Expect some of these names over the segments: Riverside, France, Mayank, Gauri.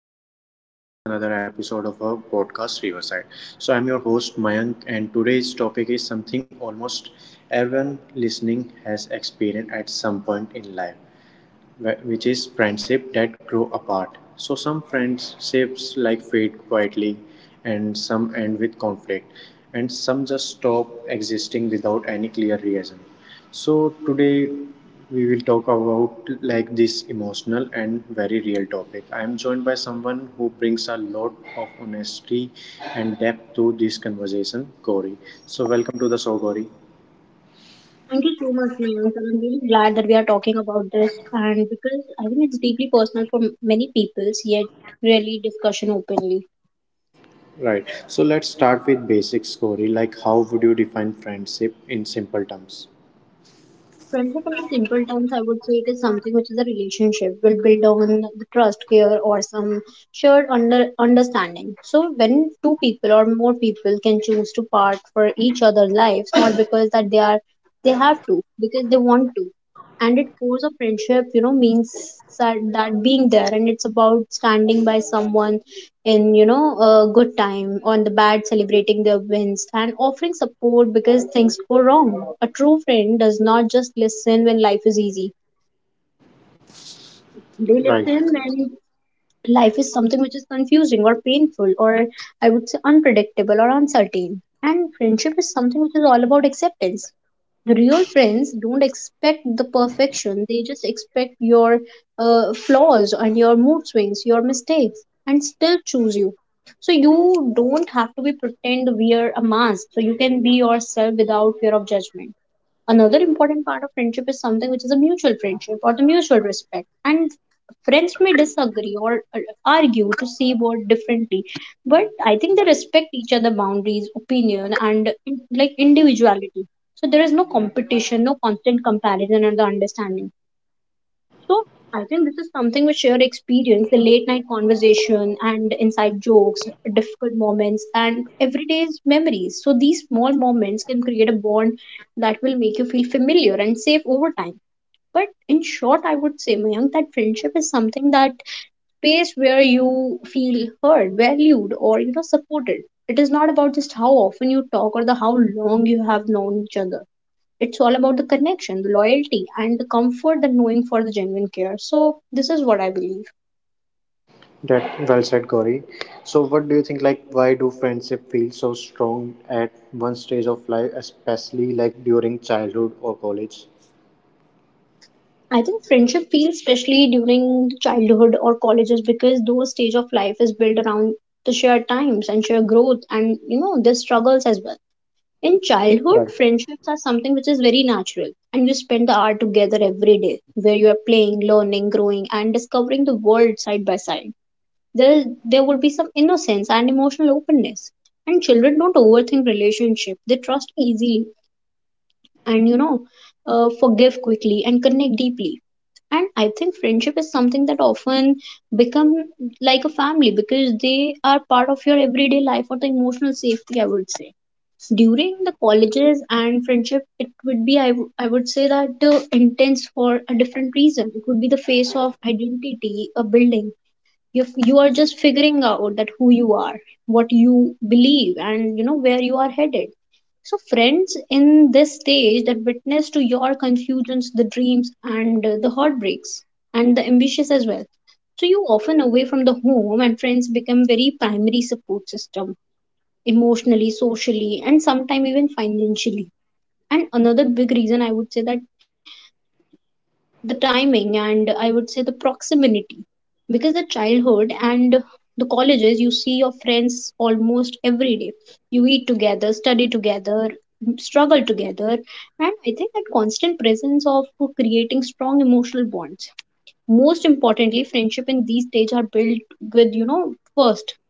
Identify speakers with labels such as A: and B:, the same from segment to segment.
A: and welcome back to another episode of our podcast Riverside. So, I'm your host Mayank, and today's topic is something almost everyone listening has experienced at some point in life, which is friendship that grow apart. So some friendships like fade quietly, and some end with conflict, and some just stop existing without any clear reason. So today we will talk about like this emotional and very real topic. I am joined by someone who brings a lot of honesty and depth to this conversation, Gauri. So welcome to the show, Gauri.
B: Thank you so much, Mayank. I'm really glad that we are talking about this, and because I think it's deeply personal for many peoples, yet really discussion openly.
A: Right. So let's start with basic scoring, like how would you define friendship in simple terms?
B: Friendship in the simple terms, I would say it is something which is a relationship will build on the trust, care, or some shared understanding. So when two people or more people can choose to part for each other's lives, not because that they are they have to, because they want to. And it cores of friendship, you know, means that being there, and it's about standing by someone in, you know, a good time on the bad, celebrating their wins and offering support because things go wrong. A true friend does not just listen when life is easy, they
A: Right.
B: listen when life is something which is confusing or painful or, I would say, unpredictable or uncertain. And friendship is something which is all about acceptance. The real friends don't expect the perfection, they just expect your flaws and your mood swings, your mistakes, and still choose you. So you don't have to be pretend wear a mask, so you can be yourself without fear of judgment. Another important part of friendship is something which is a mutual friendship or the mutual respect. And friends may disagree or argue to see what differently, but I think they respect each other boundaries, opinion, and like individuality. So there is no competition, no constant comparison, and the understanding. So I think this is something we share experience, the late night conversation and inside jokes, difficult moments, and everyday's memories. So these small moments can create a bond that will make you feel familiar and safe over time. But in short, I would say, Mayank, that friendship is something that space where you feel heard, valued, or, you know, supported. It is not about just how often you talk or the how long you have known each other. It's all about the connection, the loyalty, and the comfort that knowing for the genuine care. So this is what I believe.
A: That well said, Corey. So what do you think, like why do friendship feel so strong at one stage of life, especially like during childhood or college?
B: I think friendship feels especially during the childhood or colleges because those stage of life is built around the shared times and shared growth and, you know, the struggles as well. In childhood,
A: Right.
B: friendships are something which is very natural, and you spend the hour together every day where you are playing, learning, growing, and discovering the world side by side. There would be some innocence and emotional openness, and children don't overthink relationship. They trust easily and, you know, forgive quickly and connect deeply. And I think friendship is something that often become like a family, because they are part of your everyday life or the emotional safety, I would say. During the colleges and friendship, it would be, I would say that, intense for a different reason. It would be the face of identity a building. You are just figuring out that who you are, what you believe, and, you know, where you are headed. So friends in this stage that witness to your confusions, the dreams, and, the heartbreaks, and the ambitious as well. So you often away from the home, and friends become very primary support system, emotionally, socially, and sometimes even financially. And another big reason, I would say, that the timing and, I would say, the proximity, because the childhood and the colleges, you see your friends almost every day. You eat together, study together, struggle together, and I think that constant presence of creating strong emotional bonds. Most importantly, friendship in these stage are built with, you know, first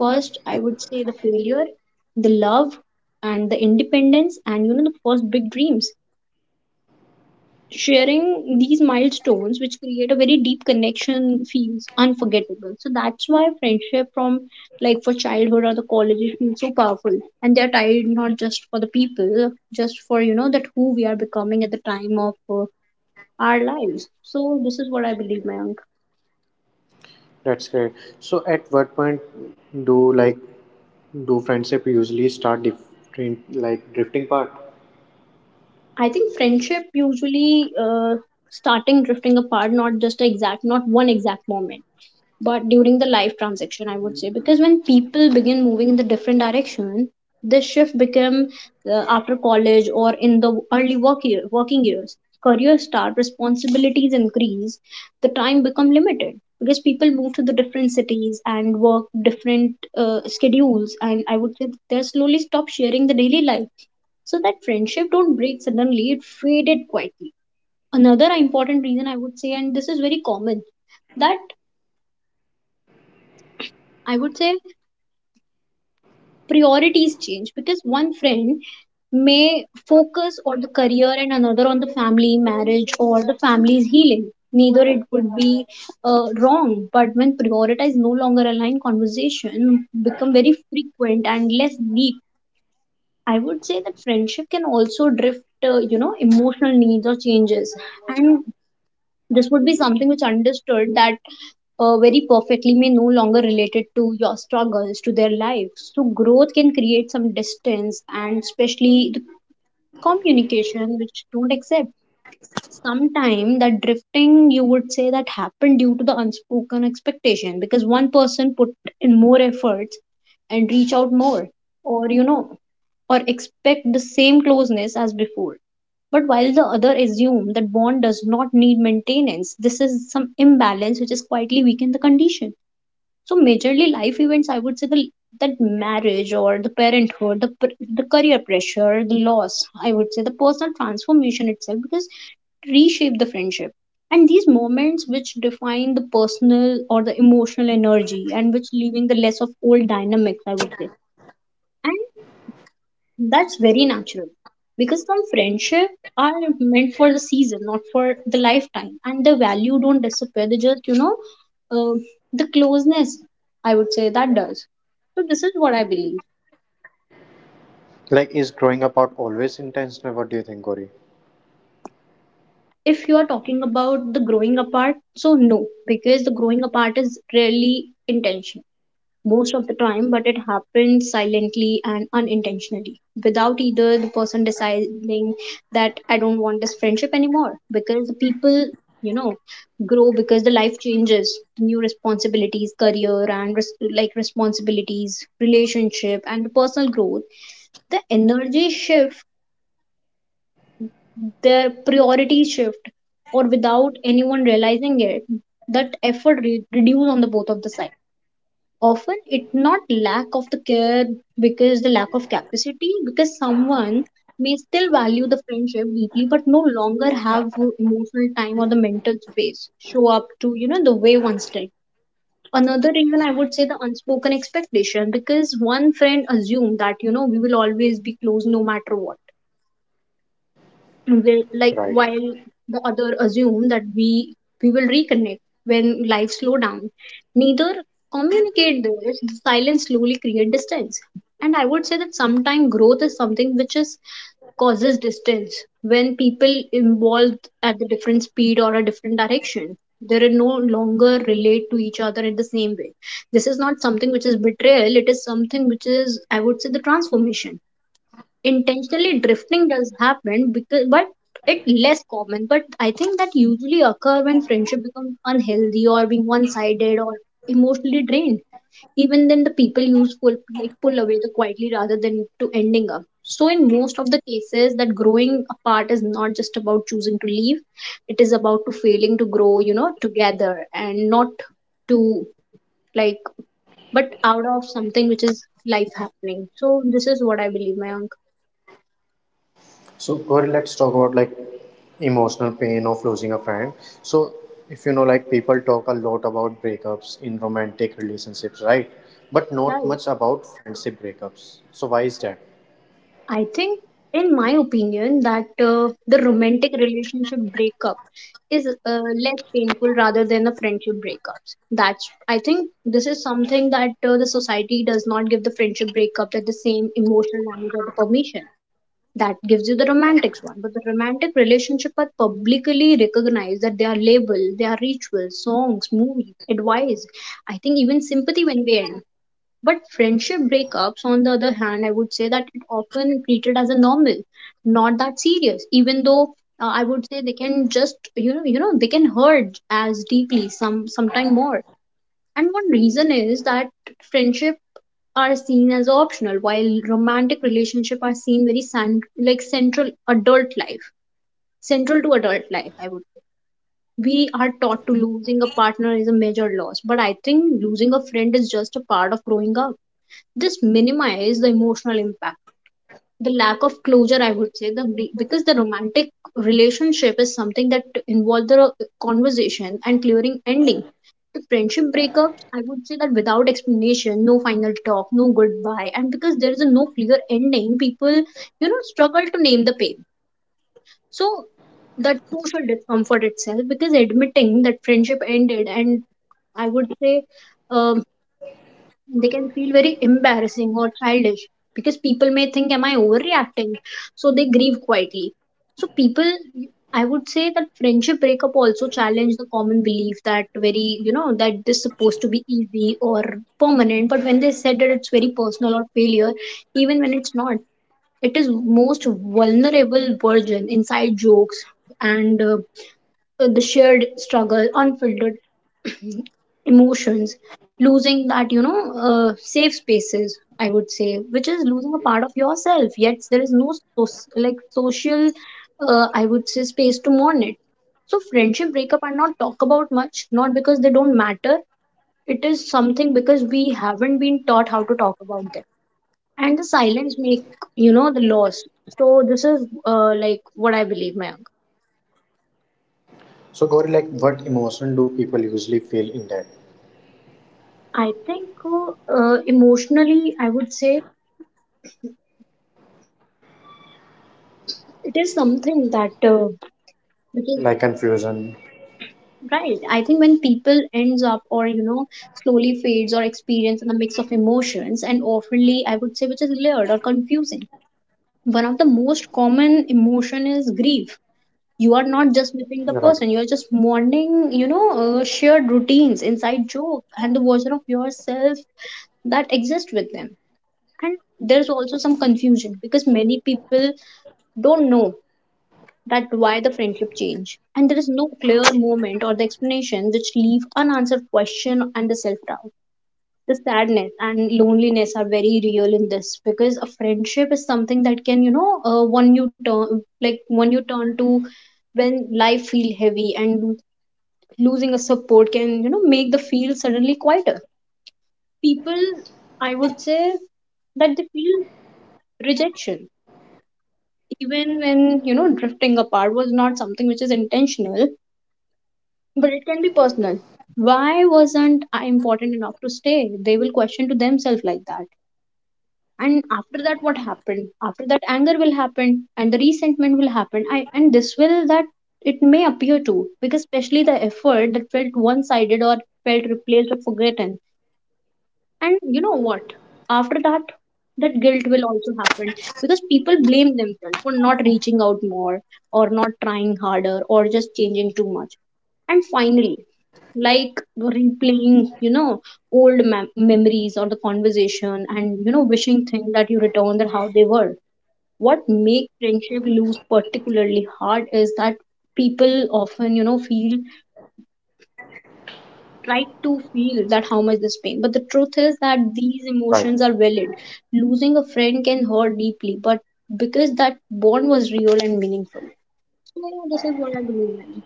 B: first I would say, the failure, the love, and the independence, and, you know, the first big dreams. Sharing these milestones which create a very deep connection feels unforgettable. So that's why friendship from, like, for childhood or the college, it feels so powerful, and they're tied not just for the people, just for, you know, that who we are becoming at the time of, our lives. So this is what I believe, Mayank.
A: That's great. So at what point do, like do friendship usually start different, like drifting part?
B: I think friendship usually, starting drifting apart, not just exact, not one exact moment, but during the life transaction, I would say, because when people begin moving in the different direction, this shift become, after college or in the early work year, working years, career start, responsibilities increase, the time become limited, because people move to the different cities and work different schedules, and, I would say, they slowly stop sharing the daily life. So that friendship don't break suddenly, it faded quietly. Another important reason, I would say, and this is very common, that, I would say, priorities change because one friend may focus on the career and another on the family, marriage, or the family's healing. Neither it would be wrong, but when prioritize no longer align, conversation become very frequent and less deep. I would say that friendship can also drift, you know, emotional needs or changes, and this would be something which understood that very perfectly may no longer related to your struggles to their lives. So growth can create some distance, and especially the communication which don't accept. Sometime that drifting, you would say, that happened due to the unspoken expectation because one person put in more efforts and reach out more, or, you know, or expect the same closeness as before, but while the other assume that bond does not need maintenance. This is some imbalance which is quietly weaken the condition. So majorly life events, I would say, the that marriage or the parenthood, the the career pressure, the loss, I would say, the personal transformation itself, because it reshape the friendship. And these moments which define the personal or the emotional energy and which leaving the less of old dynamics, I would say that's very natural because some friendship are meant for the season, not for the lifetime, and the value don't disappear. They just, you know, uh, the closeness, I would say, that does. So this is what I believe.
A: Like is growing apart always intentional? What do you think, Corey?
B: If you are talking about the growing apart, so no, because the growing apart is rarely intentional most of the time, but it happens silently and unintentionally without either the person deciding that I don't want this friendship anymore, because the people, you know, grow because the life changes, new responsibilities, career, and like responsibilities, relationship, and personal growth. The energy shift, their priorities shift, or without anyone realizing it, that effort reduce on the both of the sides. Often it not lack of the care, because the lack of capacity, because someone may still value the friendship deeply but no longer have emotional time or the mental space show up to, you know, the way once did. Another reason, I would say, the unspoken expectation, because one friend assumed that, you know, we will always be close no matter what, they, like,
A: Right.
B: while the other assume that we will reconnect when life slow down. Neither communicate this, the silence slowly create distance. And I would say that sometimes growth is something which is causes distance. When people involved at the different speed or a different direction, they are no longer relate to each other in the same way. This is not something which is betrayal, it is something which is, I would say, the transformation. Intentionally drifting does happen because, but it less common, but I think that usually occur when friendship becomes unhealthy or being one-sided or emotionally drained. Even then the people use pull, like, pull away the quietly rather than to ending up. So in most of the cases, that growing apart is not just about choosing to leave, it is about to failing to grow, you know, together, and not to, like, but out of something which is life happening. So this is what I believe, my uncle.
A: So, Gauri, let's talk about like emotional pain of losing a friend. So, if you know, like people talk a lot about breakups in romantic relationships, right? But not
B: Right.
A: much about friendship breakups. So, why is that?
B: I think, in my opinion, that the romantic relationship breakup is, less painful rather than the friendship breakups. That's, I think this is something that the society does not give the friendship breakups at the same emotional language or the permission that gives you the romantics one. But the romantic relationship are publicly recognized that they are labeled, they are rituals, songs, movies, advice. I think even sympathy when they end, but friendship breakups, on the other hand, I would say that it often treated as a normal, not that serious. Even though, I would say they can just, you know, they can hurt as deeply, some sometime more. And one reason is that friendship are seen as optional, while romantic relationship are seen very like central adult life, central to adult life, I would say. We are taught to losing a partner is a major loss, but I think losing a friend is just a part of growing up. This minimize the emotional impact, the lack of closure, I would say. The, because the romantic relationship is something that involves the conversation and clearing ending. The friendship breakups, I would say, that without explanation, no final talk, no goodbye, and because there is a no clear ending, people you know struggle to name the pain. So that social discomfort itself, because admitting that friendship ended and I would say, um, they can feel very embarrassing or childish, because people may think, am I overreacting? So they grieve quietly. So people, I would say that friendship breakup also challenge the common belief that, very you know, that this supposed to be easy or permanent. But when they said that, it's very personal or failure, even when it's not. It is most vulnerable version, inside jokes and the shared struggle, unfiltered emotions. Losing that you know safe spaces, I would say, which is losing a part of yourself, yet there is no like social I would say space to mourn it. So friendship breakup are not talk about much, not because they don't matter. It is something because we haven't been taught how to talk about them, and the silence make, you know, the loss. So this is like what I believe, my.
A: So, Gauri, like what emotion do people usually feel in that?
B: I think emotionally, I would say it is something that because.
A: Like confusion,
B: Right. I think when people ends up, or you know slowly fades, or experience in a mix of emotions and oftenly I would say, which is layered or confusing. One of the most common emotion is grief. You are not just missing the
A: right?
B: person. You are just mourning, you know, shared routines, inside joke, and the version of yourself that exists with them. And there's also some confusion because many people don't know that why the friendship change, and there is no clear moment or the explanation, which leave unanswered question and the self-doubt. The sadness and loneliness are very real in this, because a friendship is something that can, you know, one you turn to when life feel heavy, and losing a support can, you know, make the feel suddenly quieter. People, I would say that they feel rejection, even when, you know, drifting apart was not something which is intentional, but it can be personal. Why wasn't I important enough to stay? They will question to themselves like that. And after that, what happened after that, anger will happen and the resentment will happen. I, and this will that it may appear to, because especially the effort that felt one sided, or felt replaced or forgotten. And you know what? After that, that guilt will also happen, because people blame themselves for not reaching out more, or not trying harder, or just changing too much. And finally, like replaying, you know, old memories or the conversation, and, you know, wishing things that you return that how they were. What make friendship lose particularly hard is that people often, you know, feel try to feel that how much this pain, but the truth is that these
A: Right.
B: emotions are valid. Losing a friend can hurt deeply, but because that bond was real and meaningful. So you know, this is what I believe in.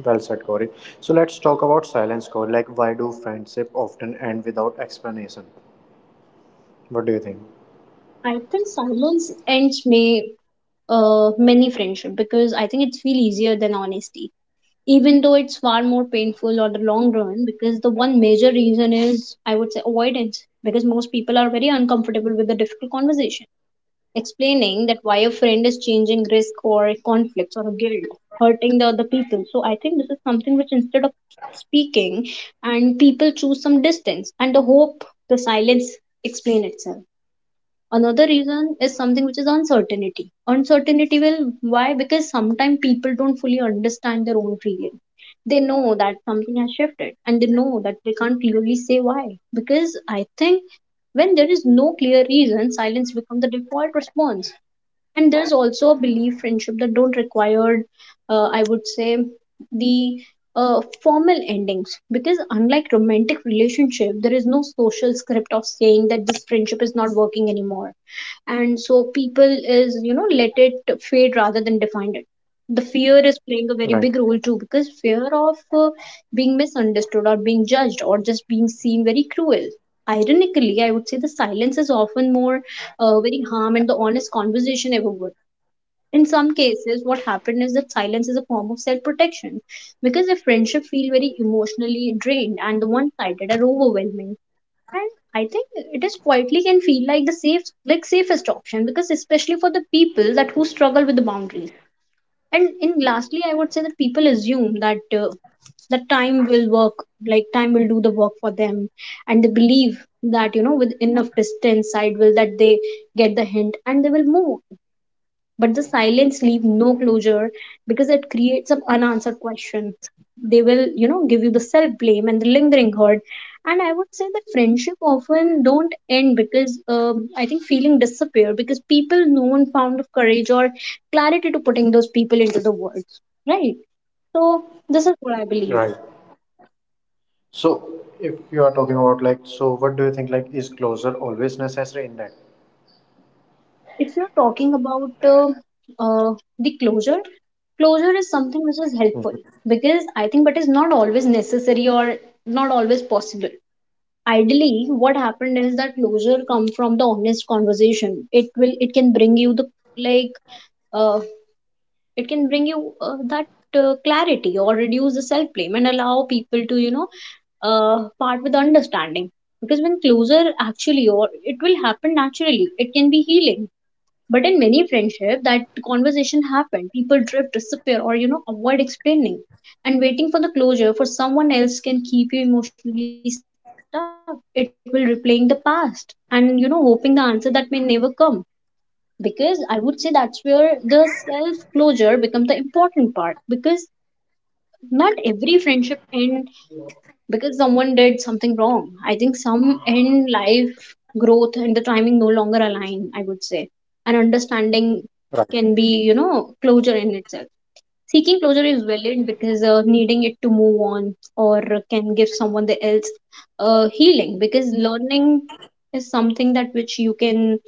A: Well said, Gauri. So, let's talk about silence, Gauri. Like, why do friendship often end without explanation? What do you think?
B: I think silence ends may many friendship, because I think it's feel easier than honesty, even though it's far more painful on the long run. Because the one major reason is, I would say, avoidance, because most people are very uncomfortable with the difficult conversation. Explaining that why a friend is changing risk, or conflicts, or guilt hurting the other people, so I think this is something which instead of speaking, and people choose some distance and the hope the silence explain itself. Another reason is something which is uncertainty. Uncertainty will why because sometimes people don't fully understand their own feeling. They know that something has shifted, and they know that they can't clearly say why. Because I think when there is no clear reason, silence becomes the default response. And there's also a belief friendship that don't require I would say the formal endings, because unlike romantic relationship, there is no social script of saying that this friendship is not working anymore. And so people is, you know, let it fade rather than define it. The fear is playing a very
A: Right.
B: big role too, because fear of being misunderstood, or being judged, or just being seen very cruel. Ironically, I would say the silence is often more very harm and the honest conversation ever would. In some cases, what happened is that silence is a form of self-protection, because if friendship feel very emotionally drained and the one-sided are overwhelming. And I think it is quietly can feel like the safe, like safest option, because especially for the people that who struggle with the boundaries. And in lastly, I would say that people assume that that time will work, like time will do the work for them. And they believe that, you know, with enough distance side will that they get the hint and they will move. But the silence leave no closure, because it creates some unanswered question. They will, you know, give you the self blame and the lingering hurt. And I would say that friendship often don't end because, I think feeling disappear because people no one found of courage or clarity to putting those people into the world, right? So this is what I believe.
A: Right. So, if you are talking about like, so what do you think, like is closure always necessary in that?
B: If you're talking about uh, the closure, closure is something which is helpful, because I think, but is not always necessary or not always possible. Ideally, what happened is that closure come from the honest conversation. It will, it can bring you the like, uh, it can bring you that clarity, or reduce the self blame, and allow people to, you know, part with understanding. Because when closure actually, or it will happen naturally, it can be healing. But in many friendship, that conversation happen. People drift, disappear, or, you know, avoid explaining. And waiting for the closure for someone else can keep you emotionally stuck. It will replaying the past, and you know, hoping the answer that may never come. Because I would say that's where the self closure becomes the important part. Because not every friendship end because someone did something wrong. I think some in life growth and the timing no longer align, I would say. And understanding
A: Right.
B: can be, you know, closure in itself. Seeking closure is valid, because needing it to move on, or can give someone the else healing. Because learning is something that which you can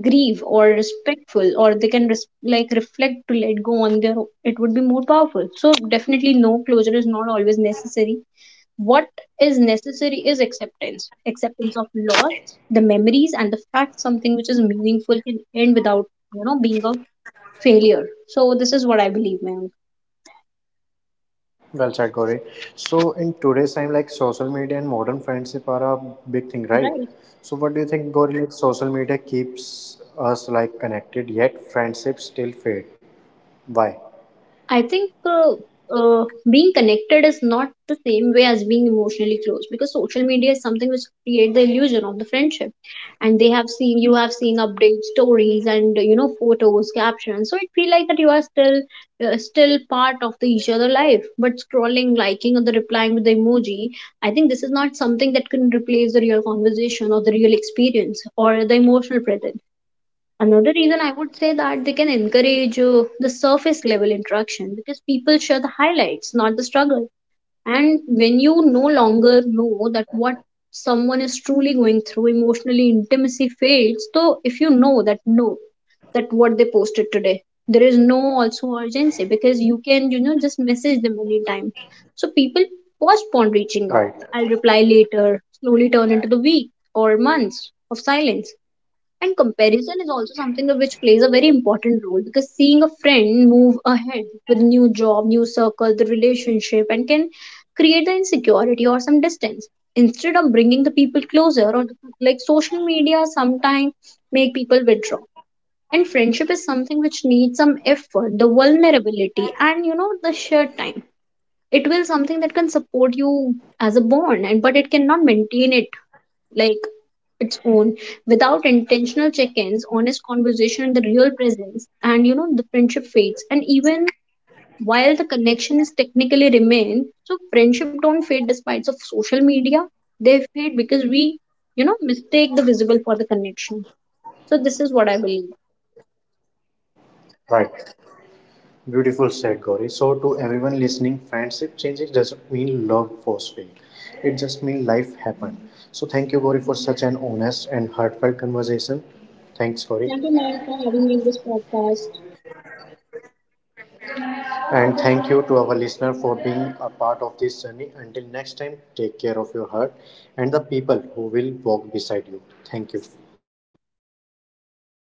B: grieve or respectful, or they can like reflect to let go on their, it would be more powerful. So definitely no, closure is not always necessary. What is necessary is acceptance, acceptance of loss, the memories, and the fact something which is meaningful can end without, you know, being a failure. So, this is what I believe, ma'am.
A: Well said, Corey. So, in today's time, like social media and modern friendship are a big thing, right?
B: Right.
A: So, what do you think, Corey? Like, social media keeps us like connected, yet friendships still fade. Why?
B: I think uh, being connected is not the same way as being emotionally close, because social media is something which create the illusion of the friendship, and they have seen, you have seen updates, stories, and you know photos, captions. So it feel like that you are still still part of the each other life. But scrolling, liking, or the replying with the emoji, I think this is not something that can replace the real conversation, or the real experience, or the emotional presence. Another reason I would say that they can encourage the surface level interaction, because people share the highlights, not the struggle. And when you no longer know that what someone is truly going through, emotionally intimacy fades. So if you know that no, that what they posted today, there is no also urgency, because you can, you know, just message them anytime. So people postpone
A: Right.
B: reaching out. I'll reply later. Slowly turn into the week or months of silence. And comparison is also something of which plays a very important role, because seeing a friend move ahead with new job, new circle, the relationship, and can create the insecurity or some distance. Instead of bringing the people closer, or like social media sometimes make people withdraw. And friendship is something which needs some effort, the vulnerability, and you know the shared time. It will something that can support you as a bond, and but it cannot maintain it like its own without intentional check-ins, honest conversation, and the real presence. And you know the friendship fades, and even while the connection is technically remain. So friendship don't fade despite of social media, they fade because we, you know, mistake the visible for the connection. So this is what I believe.
A: Right. Beautiful said, Gauri. So to everyone listening, friendship changes doesn't mean love was fake. It just means life happened. So thank you, Gauri, for such an honest and heartfelt conversation. Thanks, Gauri.
B: Thank you, man, for having me in this podcast.
A: And thank you to our listener for being a part of this journey. Until next time, take care of your heart and the people who will walk beside you. Thank you.